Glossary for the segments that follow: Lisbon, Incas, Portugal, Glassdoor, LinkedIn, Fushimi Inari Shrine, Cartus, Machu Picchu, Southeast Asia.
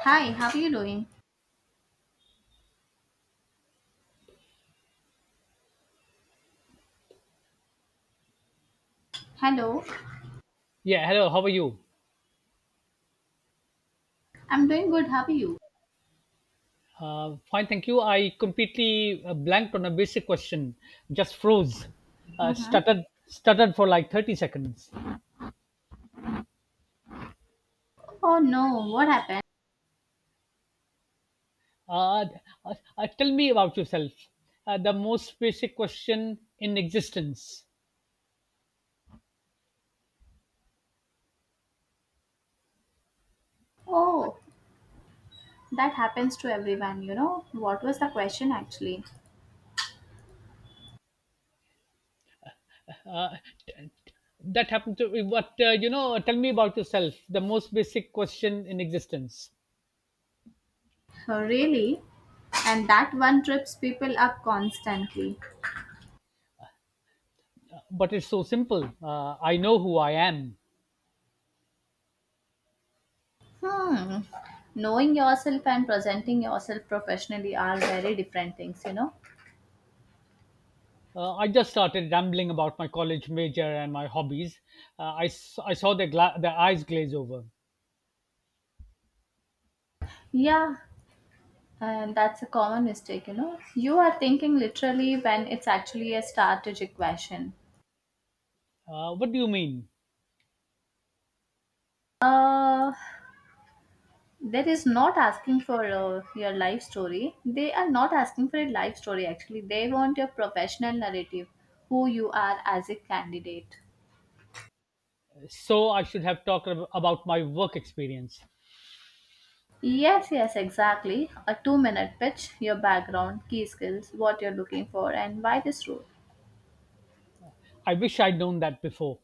Hi, how are you doing? Hello, Yeah, hello, how are you? I'm doing good. How are you? Fine, thank you. I completely blanked on a basic question, just froze, uh, Mm-hmm. stuttered, stuttered for like 30 seconds. Oh no, what happened? Uh, Tell me about yourself. The most basic question in existence. Oh, that happens to everyone. What was the question actually? Uh, t- t- that happened to me, but tell me about yourself. The most basic question in existence. Oh, really? And that one trips people up constantly. But it's so simple. I know who I am. Hmm. Knowing yourself and presenting yourself professionally are very different things. I just started rambling about my college major and my hobbies. I saw their eyes glaze over. Yeah, and that's a common mistake, you know. You are thinking literally when it's actually a strategic question. What do you mean? Uh, There is not asking for your life story. They are not asking for a life story actually. They want your professional narrative, who you are as a candidate. So I should have talked about my work experience. Yes, yes, exactly. A 2-minute pitch, your background, key skills, what you're looking for, and why this role. I wish I'd known that before.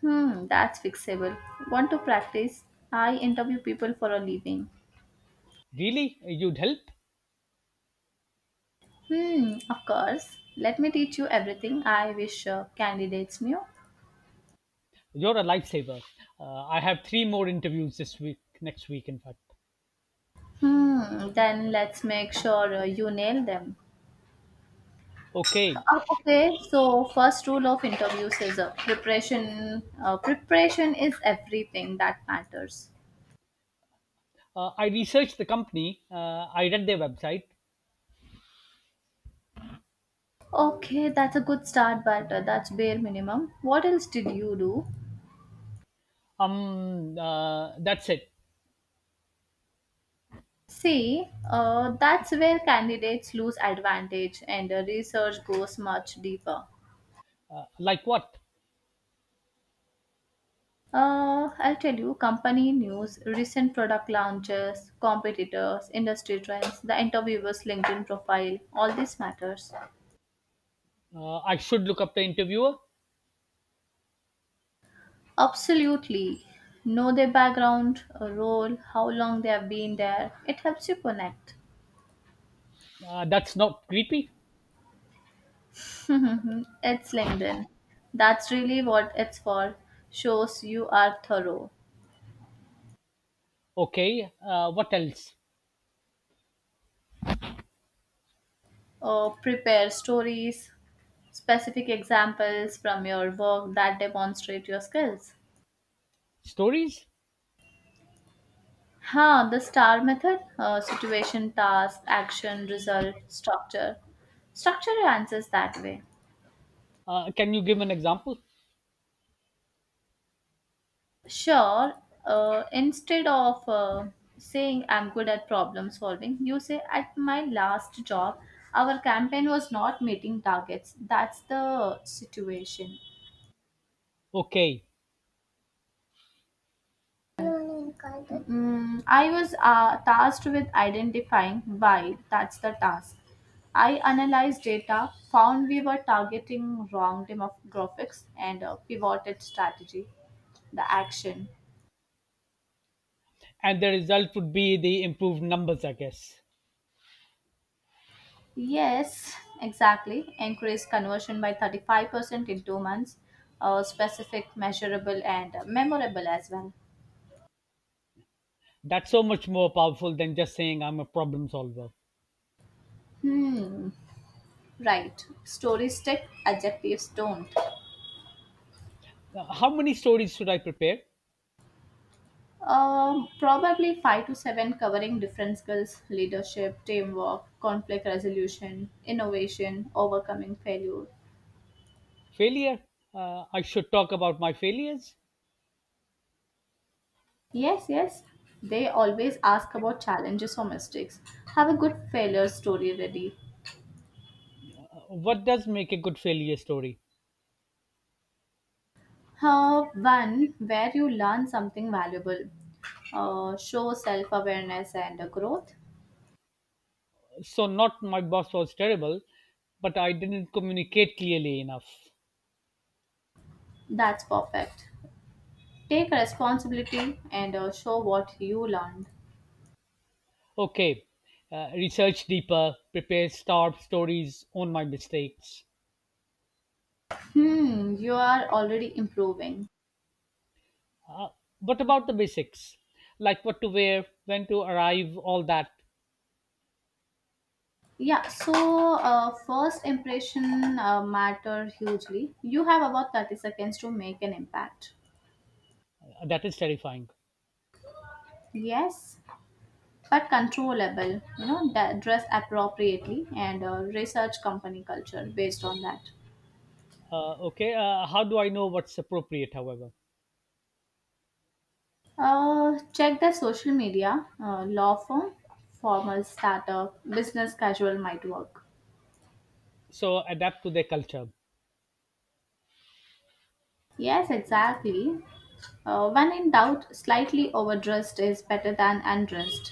That's fixable. Want to practice? I interview people for a living. Really? You'd help? Of course. Let me teach you everything I wish candidates knew. You're a lifesaver. I have three more interviews this week, next week, in fact. Then let's make sure you nail them. Okay. Okay, so first rule of interviews is preparation. Preparation is everything that matters. I researched the company. I read their website. Okay, that's a good start, but that's bare minimum. What else did you do? That's it. See, that's where candidates lose advantage and research goes much deeper. Like what? I'll tell you company news, recent product launches, competitors, industry trends, the interviewer's LinkedIn profile, all this matters. I should look up the interviewer. Absolutely. Know their background, a role, how long they have been there. It helps you connect. That's not creepy. It's LinkedIn. That's really what it's for. Shows you are thorough. Okay. What else? Prepare stories, specific examples from your work that demonstrate your skills. Stories? The STAR method, situation, task, action, result, structure. Structure your answers that way. Can you give an example? Sure, instead of saying I'm good at problem solving, you say at my last job, our campaign was not meeting targets. That's the situation. Okay. I was tasked with identifying why. That's the task. I analyzed data, found we were targeting wrong demographics, and pivoted strategy, the action. And the result would be the improved numbers, I guess. Yes, exactly. Increase conversion by 35% in 2 months. Specific, measurable, and memorable as well. That's so much more powerful than just saying I'm a problem solver. Hmm. Right. Stories stick, adjectives don't. How many stories should I prepare? Probably five to seven, covering different skills: leadership, teamwork, conflict resolution, innovation, overcoming failure. Failure? I should talk about my failures. Yes, yes. They always ask about challenges or mistakes. Have a good failure story ready. What does make a good failure story? One where you learn something valuable, show self awareness and growth. So, not my boss was terrible, but I didn't communicate clearly enough. That's perfect. Take responsibility and show what you learned. Okay, research deeper, prepare star stories on my mistakes. You are already improving. But about the basics, like what to wear, when to arrive, all that, Yeah, so first impression matter hugely. You have about 30 seconds to make an impact. that is terrifying. Yes, but controllable. You know, dress appropriately and research company culture based on that. Okay, how do I know what's appropriate, however? Check their social media. Law firm, formal startup, business casual might work. So adapt to their culture. Yes, exactly. When in doubt, slightly overdressed is better than undressed.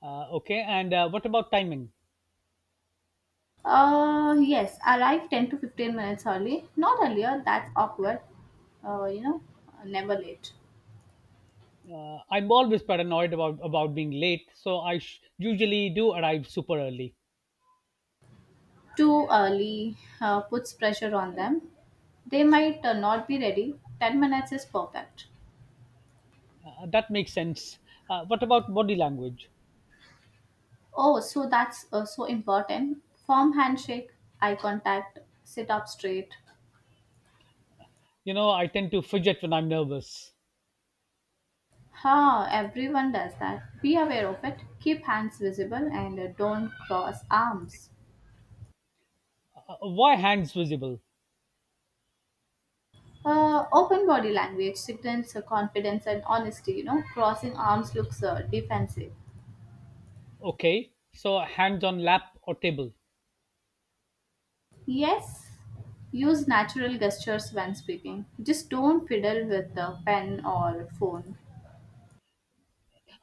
Okay, and what about timing? Yes, arrive 10 to 15 minutes early. Not earlier, that's awkward. Uh, you know, never late. I'm always paranoid about being late, so I usually do arrive super early. Too early puts pressure on them. They might not be ready. 10 minutes is perfect. That makes sense. What about body language? Oh, so that's so important. Firm handshake, eye contact, sit up straight. You know, I tend to fidget when I'm nervous. Ha, everyone does that. Be aware of it. Keep hands visible and don't cross arms. Why hands visible? Open body language signals confidence and honesty. You know, crossing arms looks defensive. Okay, so hands on lap or table. Yes, use natural gestures when speaking. Just don't fiddle with the pen or phone.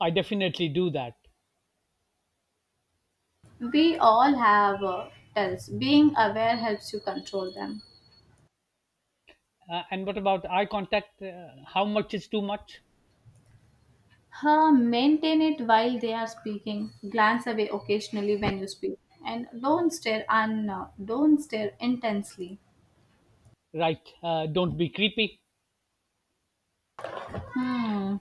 I definitely do that. We all have tells. Being aware helps you control them. And what about eye contact? How much is too much? Maintain it while they are speaking. Glance away occasionally when you speak, and don't stare intensely. Right, don't be creepy. Hmm.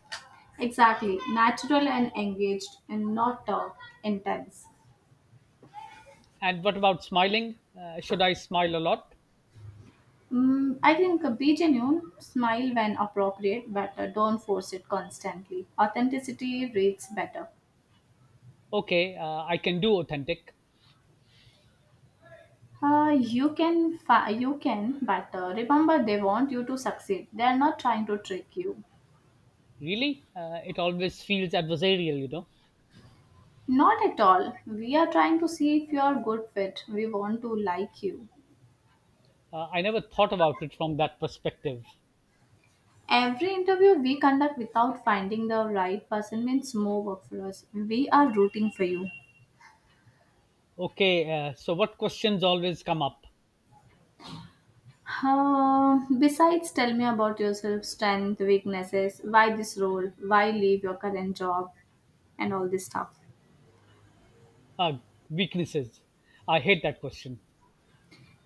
Exactly. Natural and engaged, and not intense. And what about smiling? Should I smile a lot? I think be genuine, smile when appropriate, but don't force it constantly. Authenticity reads better. Okay, I can do authentic. You can, but remember they want you to succeed. They are not trying to trick you. Really? It always feels adversarial. Not at all. We are trying to see if you are a good fit. We want to like you. I never thought about it from that perspective. Every interview we conduct without finding the right person means more work for us. We are rooting for you. Okay, so what questions always come up? Besides, tell me about yourself, strength, weaknesses, why this role, why leave your current job, and all this stuff. Uh, Weaknesses. I hate that question.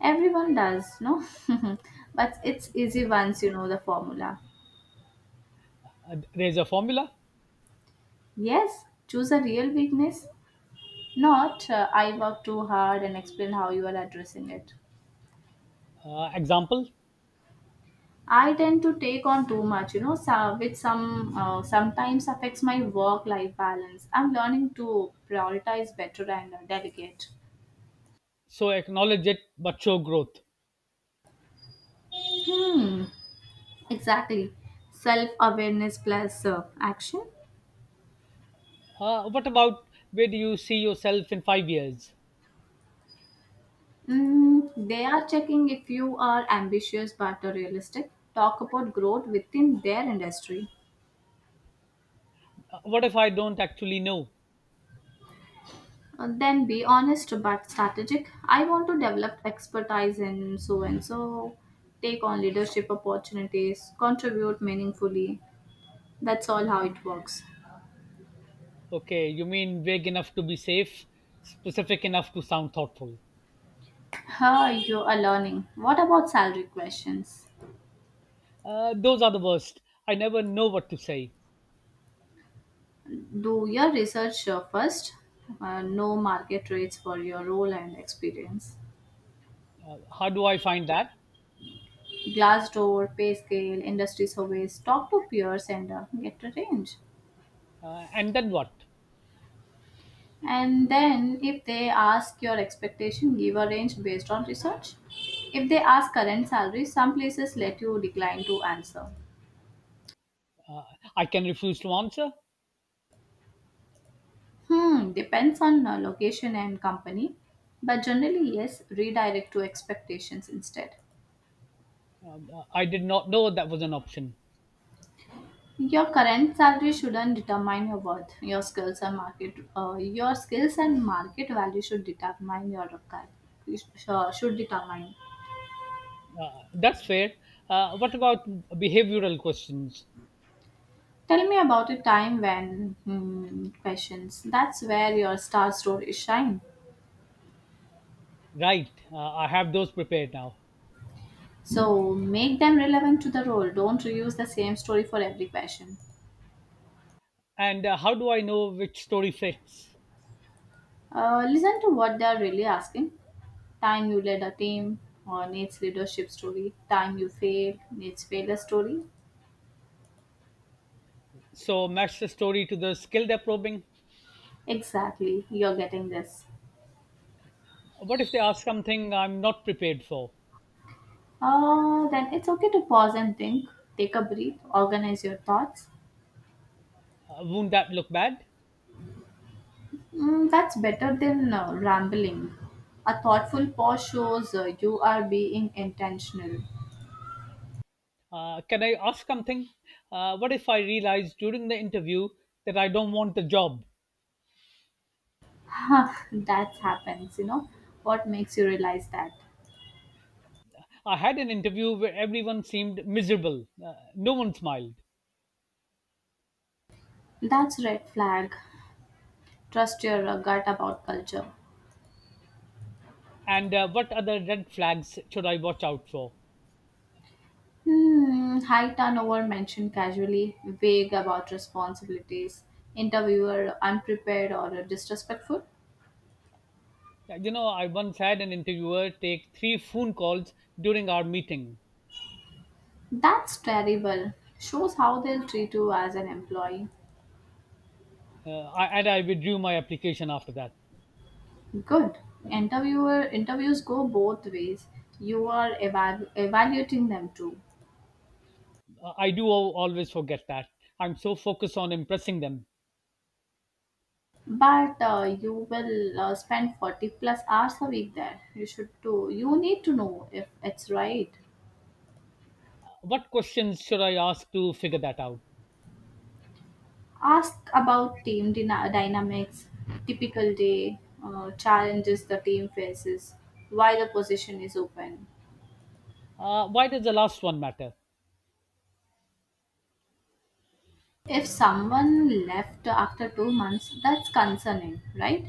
Everyone does, no? But it's easy once you know the formula. There's a formula Yes, choose a real weakness. Not, I work too hard, and explain how you are addressing it. Example. I tend to take on too much, you know, so, which sometimes affects my work-life balance. I'm learning to prioritize better and delegate. So acknowledge it, but show growth. Hmm, exactly. Self-awareness plus action. What about where do you see yourself in 5 years? They are checking if you are ambitious but realistic. Talk about growth within their industry. What if I don't actually know? Then be honest but strategic. I want to develop expertise in so and so, take on leadership opportunities, contribute meaningfully. That's all how it works. Okay, you mean vague enough to be safe, specific enough to sound thoughtful. How you are learning? What about salary questions? Those are the worst. I never know what to say. Do your research first. Know market rates for your role and experience. How do I find that? Glassdoor, pay scale, industry surveys. Talk to peers and get a range. And then what? And then, if they ask your expectation, give a range based on research. If they ask current salary, some places let you decline to answer. I can refuse to answer. Depends on location and company, but generally, yes, redirect to expectations instead. I did not know that was an option. Your current salary shouldn't determine your worth. Your skills and market value should determine your should determine. That's fair. What about behavioral questions? Tell me about a time when questions. That's where your star stories shine. Right, I have those prepared now. So make them relevant to the role. Don't reuse the same story for every question. And how do I know which story fits? Listen to what they are really asking. Time you led a team or Nate's leadership story. Time you failed, Nate's failure story. So match the story to the skill they're probing. Exactly, you're getting this. What if they ask something I'm not prepared for? Then it's okay to pause and think. Take a breath. Organize your thoughts. Won't that look bad? That's better than rambling. A thoughtful pause shows you are being intentional. Can I ask something? What if I realize during the interview that I don't want the job? That happens. What makes you realize that? I had an interview where everyone seemed miserable, no one smiled. That's red flag. Trust your gut about culture. And what other red flags should I watch out for? High turnover mentioned casually, vague about responsibilities, interviewer unprepared or disrespectful. You know, I once had an interviewer take three phone calls during our meeting That's terrible. Shows how they'll treat you as an employee. And I withdrew my application after that. Good. Interviewer interviews go both ways. You are evaluating them too, I do always forget that. I'm so focused on impressing them. but you will spend 40 plus hours a week there. You should do. You need to know if it's right. What questions should I ask to figure that out? Ask about team dynamics, typical day, challenges the team faces, why the position is open. Why does the last one matter? If someone left after 2 months, that's concerning, right?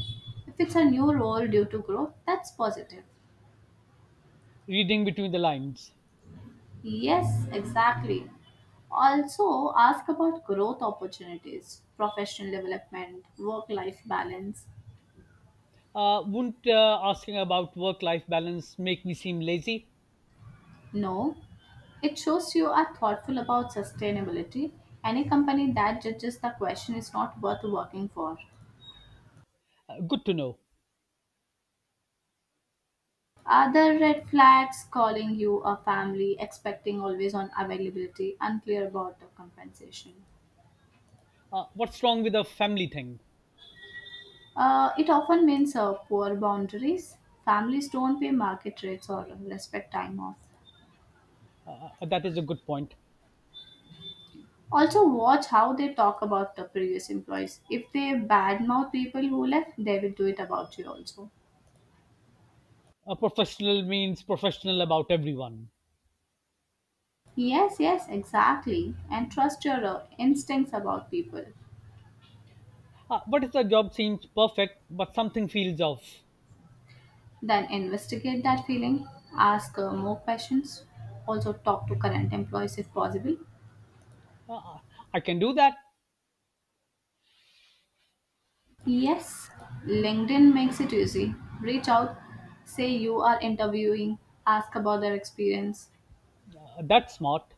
If it's a new role due to growth, that's positive. Reading between the lines. Yes, exactly. Also, ask about growth opportunities, professional development, work life balance. Wouldn't asking about work life balance make me seem lazy? No, it shows you are thoughtful about sustainability. Any company that judges the question is not worth working for. Good to know. Other red flags: calling you a family, expecting always on availability, unclear about the compensation. What's wrong with the family thing? It often means poor boundaries. Families don't pay market rates or respect time off. That is a good point. Also, watch how they talk about the previous employees. If they badmouth people who left, they will do it about you also. A professional means professional about everyone. Yes, yes, exactly. And trust your instincts about people. What if the job seems perfect but something feels off? Then investigate that feeling, ask more questions, also talk to current employees if possible. I can do that. Yes, LinkedIn makes it easy. Reach out, say you are interviewing, ask about their experience. That's smart.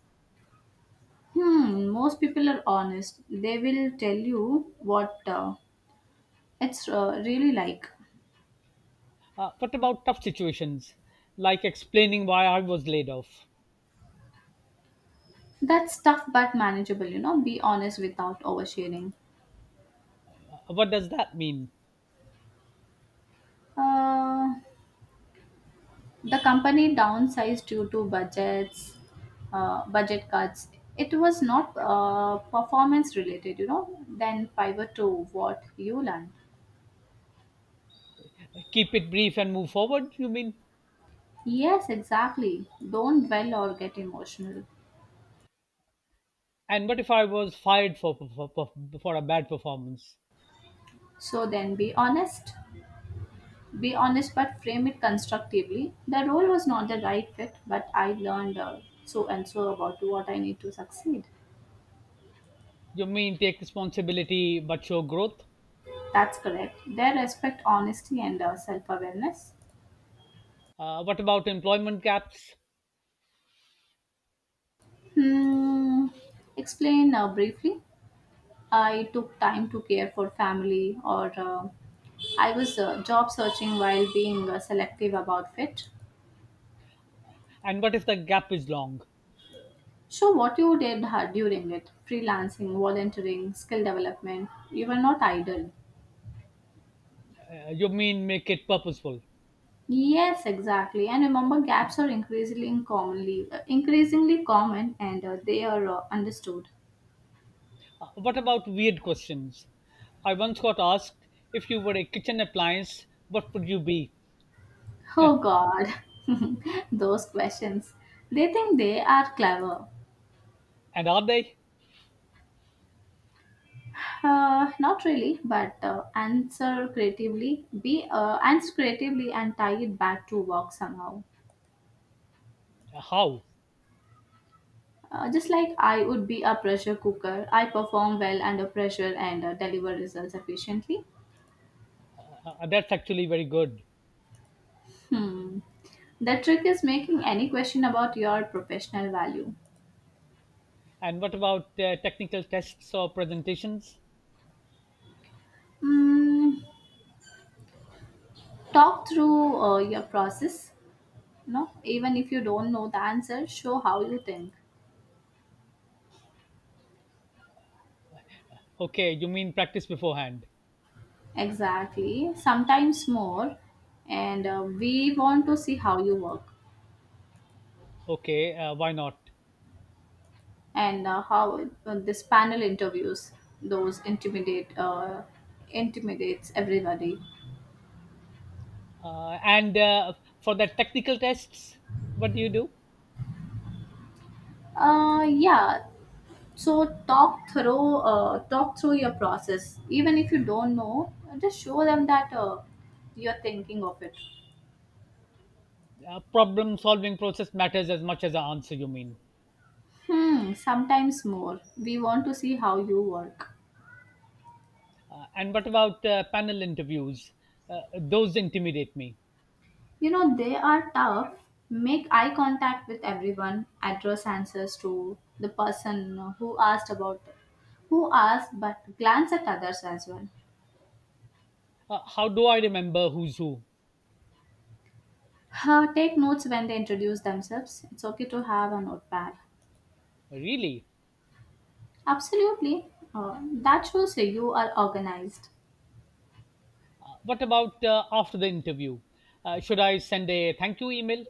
Most people are honest. They will tell you what it's really like. What about tough situations, like explaining why I was laid off? That's tough but manageable. Be honest without oversharing. What does that mean? Uh, the company downsized due to budget cuts. It was not performance related. Then pivot to what you learned. Keep it brief and move forward, you mean? Yes, exactly. Don't dwell or get emotional. And what if I was fired for a bad performance? So then be honest. Be honest but frame it constructively. The role was not the right fit, but I learned so and so about what I need to succeed. You mean take responsibility but show growth? That's correct. They respect honesty and self awareness. What about employment gaps? Hmm. Explain briefly. I took time to care for family, or I was job searching while being selective about fit. And what if the gap is long? Show what you did during it: freelancing, volunteering, skill development. You were not idle. You mean make it purposeful? Yes, exactly. And remember, gaps are increasingly common, and they are understood. What about weird questions? I once got asked if you were a kitchen appliance, what would you be? Oh God, those questions. They think they are clever. And are they? Not really, but answer creatively. Be answer creatively and tie it back to work somehow. How? Just like I would be a pressure cooker, I perform well under pressure and deliver results efficiently. That's actually very good. Hmm. The trick is making any question about your professional value. And what about technical tests or presentations? Mm, talk through your process. No, even if you don't know the answer, show how you think. Okay, you mean practice beforehand. Exactly. Sometimes more. And we want to see how you work Okay, why not? and how this panel interviews those intimidates everybody. And for the technical tests, what do you do? Yeah. So talk through your process. Even if you don't know, just show them that you're thinking of it. Problem solving process matters as much as the answer, you mean. Hmm. Sometimes more. We want to see how you work. And what about panel interviews? Those intimidate me. You know, they are tough. Make eye contact with everyone. Address answers to the person who asked about who asked, but glance at others as well. How do I remember who's who? Take notes when they introduce themselves. It's okay to have a notepad. Really? Absolutely. That shows you are organized. What about after the interview? Should I send a thank you email?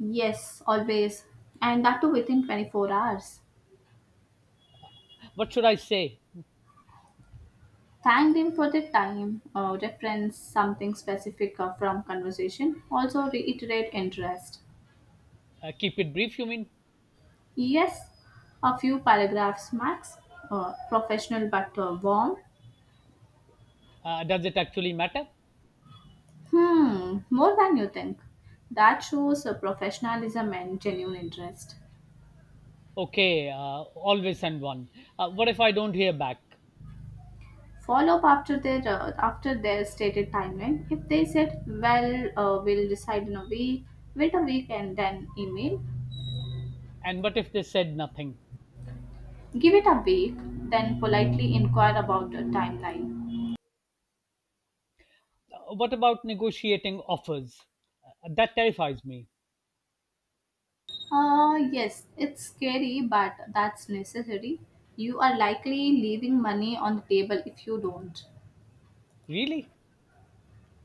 Yes, always. And that too within 24 hours. What should I say? Thank them for the time. Reference something specific from conversation. Also reiterate interest. Keep it brief, you mean? Yes, a few paragraphs max. Professional but warm. Does it actually matter? Hmm, more than you think. That shows professionalism and genuine interest. Okay, always send one. What if I don't hear back? Follow up after their stated timeline. If they said, "Well, we'll decide in a week," wait a week and then email. And what if they said nothing? Give it a week, then politely inquire about the timeline. What about negotiating offers? That terrifies me. Yes, it's scary, but that's necessary. You are likely leaving money on the table if you don't. Really?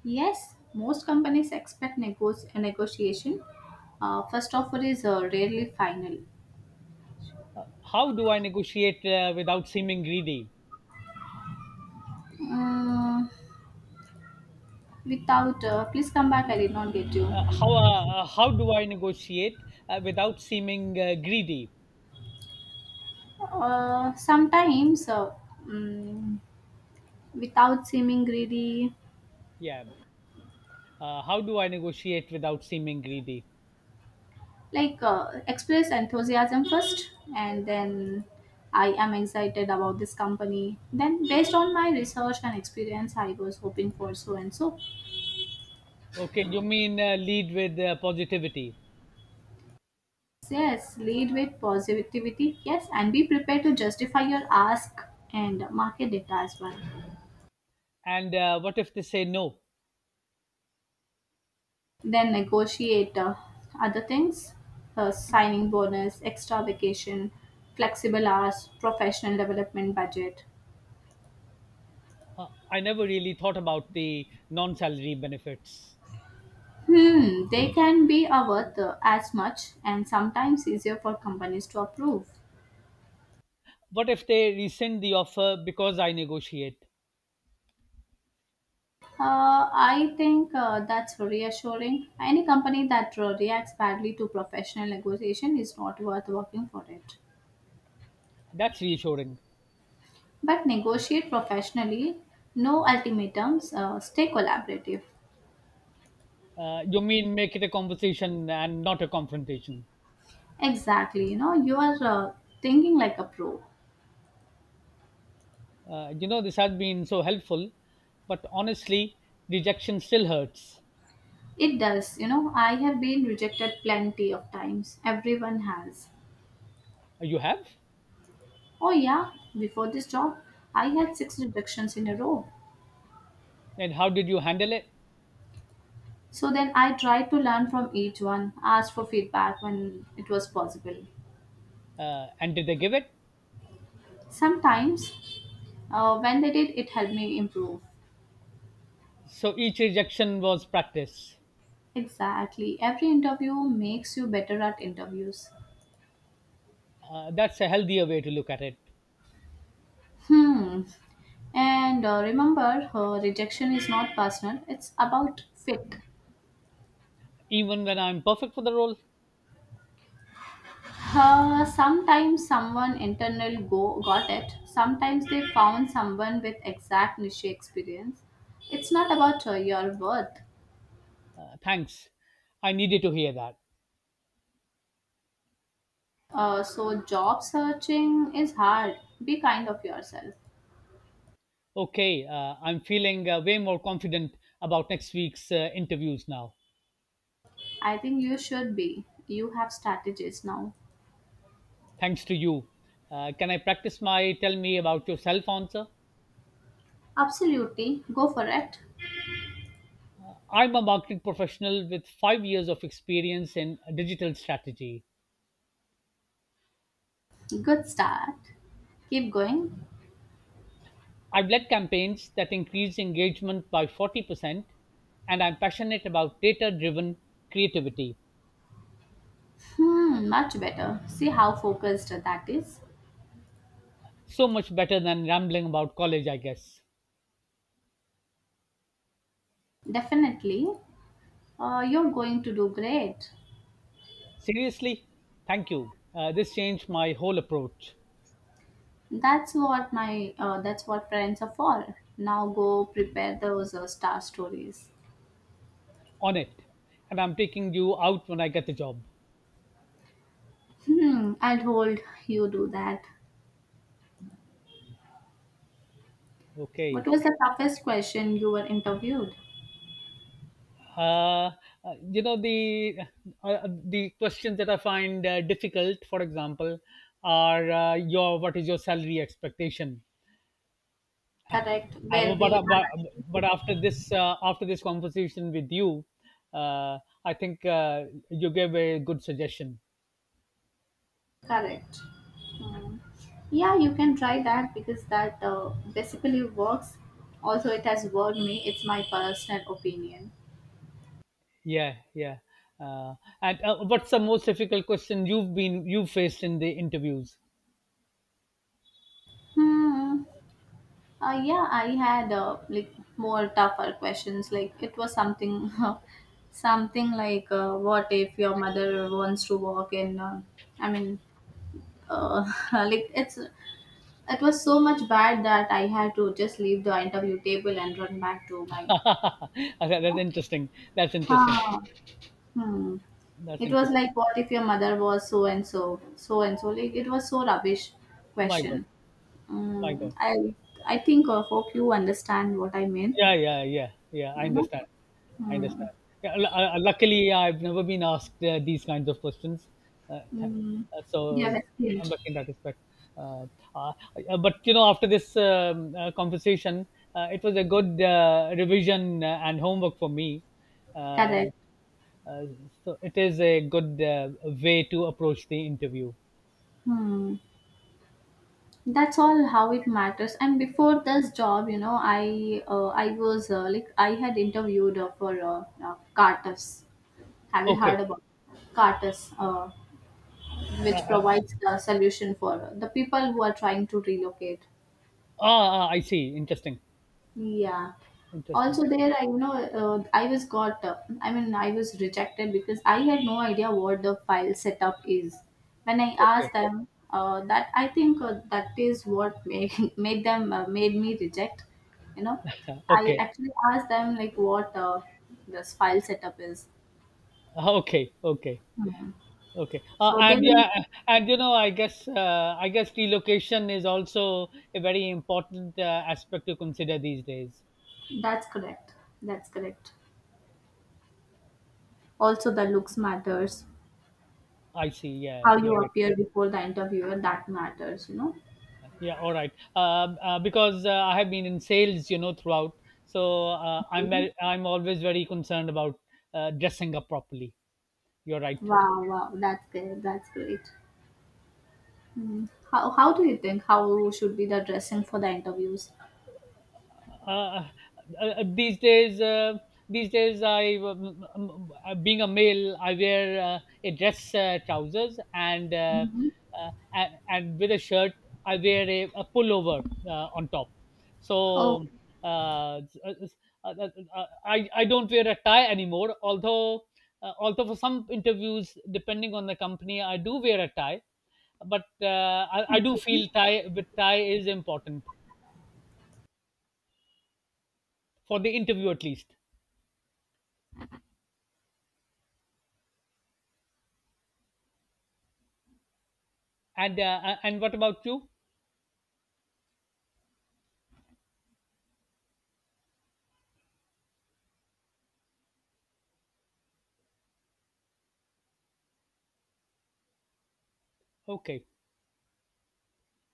Yes, most companies expect negotiation. First offer is rarely final. How do I negotiate without seeming greedy? Mm, without, please come back, I did not get you. How do I negotiate without seeming greedy? Sometimes, mm, without seeming greedy, Yeah. How do I negotiate without seeming greedy? like express enthusiasm first, and then I am excited about this company, then based on my research and experience, I was hoping for so and so. Okay, you mean lead with positivity. Yes, lead with positivity, yes, and be prepared to justify your ask and market data as well. And what if they say no? Then negotiate other things, signing bonus, extra vacation, flexible hours, professional development budget. I never really thought about the non salary benefits. Hmm, they can be a worth as much and sometimes easier for companies to approve. What if they rescind the offer because I negotiate? I think that's reassuring. Any company that reacts badly to professional negotiation is not worth working for it. That's reassuring. But negotiate professionally, no ultimatums, stay collaborative. You mean make it a conversation and not a confrontation? Exactly, you know, you are thinking like a pro. This has been so helpful, but honestly, rejection still hurts. It does, you know, I have been rejected plenty of times. Everyone has. You have? Oh, yeah, before this job, I had six rejections in a row. And how did you handle it? So then I tried to learn from each one, asked for feedback when it was possible. And did they give it? Sometimes, when they did, it helped me improve. So each rejection was practice. Exactly. Every interview makes you better at interviews. That's a healthier way to look at it. Hmm. And remember, rejection is not personal, it's about fit. Even when I'm perfect for the role, Sometimes someone internal go got it. Sometimes they found someone with exact niche experience. It's not about your worth. Thanks. I needed to hear that. So job searching is hard. Be kind of yourself. Okay, I'm feeling way more confident about next week's interviews now, I think you should be. You have strategies now. thanks to you. Can I practice my tell me about yourself answer? Absolutely, go for it. I'm a marketing professional with 5 years of experience in digital strategy. Good start. Keep going. I've led campaigns that increase engagement by 40%, and I'm passionate about data driven creativity. Hmm, much better. See how focused that is. So much better than rambling about college, I guess. Definitely, you're going to do great. Seriously, thank you. This changed my whole approach. That's what friends are for. Now go prepare those star stories. On it, and I'm taking you out when I get the job. Hmm, I'll hold you do that. What Okay, was the toughest question you were interviewed? uh, uh, you know the questions that I find difficult, for example, are, your what is your salary expectation? Correct. uh, Where but, we uh, but are but after this conversation with you, uh, I think you gave a good suggestion. correct. Hmm. Yeah, you can try that because that basically works. Also, it has worked me. It's my personal opinion. Yeah, yeah. uh, and what's the most difficult question you faced in the interviews? Hmm. Yeah, I had like more tougher questions. Like it was something, something like, what if your mother wants to walk in? I mean, uh, like it was so much bad that I had to just leave the interview table and run back to my. I That's interesting. That's interesting. Huh. Hmm. That's It was interesting. like, what if your mother was so and so, so and so? Like it was so rubbish My God. question. My Mm, God. I think I hope you understand what I mean. Yeah, yeah, yeah, yeah. You I know. understand. I Hmm. understand. Yeah, luckily, I've never been asked these kinds of questions. Uh, th- Hmm. So Yeah, skilled. I'm lucky in that respect. Uh, uh, but after this conversation, it was a good revision and homework for me. Uh, Correct. uh, so it is a good way to approach the interview. Hmm. That's all how it matters. And before this job, you know, I was like I had interviewed for Cartus. Have you heard Okay. about Cartus, which provides the solution for the people who are trying to relocate? Ah, ah, I see. Interesting. Yeah. Interesting. Also there I, you know, I was got I mean I was rejected because I had no idea what the file setup is. When I Okay. asked them that, I think that is what made, made them made me reject, you know. I Okay. actually asked them like what this file setup is. Okay. Okay. Mhm. Okay. So And they will yeah, and you know, I guess relocation is also a very important aspect to consider these days. that's correct. That's correct. Also the looks matters. I see. Yeah, How you're you right. appear before the interviewer, that matters, you know. Yeah, all right. Because I have been in sales, you know, throughout, so Okay. I'm always very concerned about dressing up properly. You're right. Wow, wow, that's great. That's great. Mm. How do you think how should be the dressing for the interviews? uh, uh, these days uh, these days I, being a male, I wear a dress trousers and uh, Mhm. uh, and, and with a shirt. I wear a pullover on top, so Oh, uh, s- uh, s- uh, I don't wear a tie anymore, although for some interviews depending on the company, I do wear a tie. But I do okay. feel tie with tie is important for the interview at least. And what about you? Okay,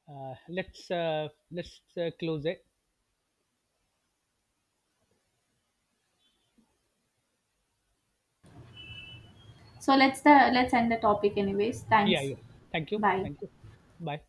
let's close it. So let's end the topic anyways. Yeah, Thanks. yeah. Thank you, Bye. thank you. Bye.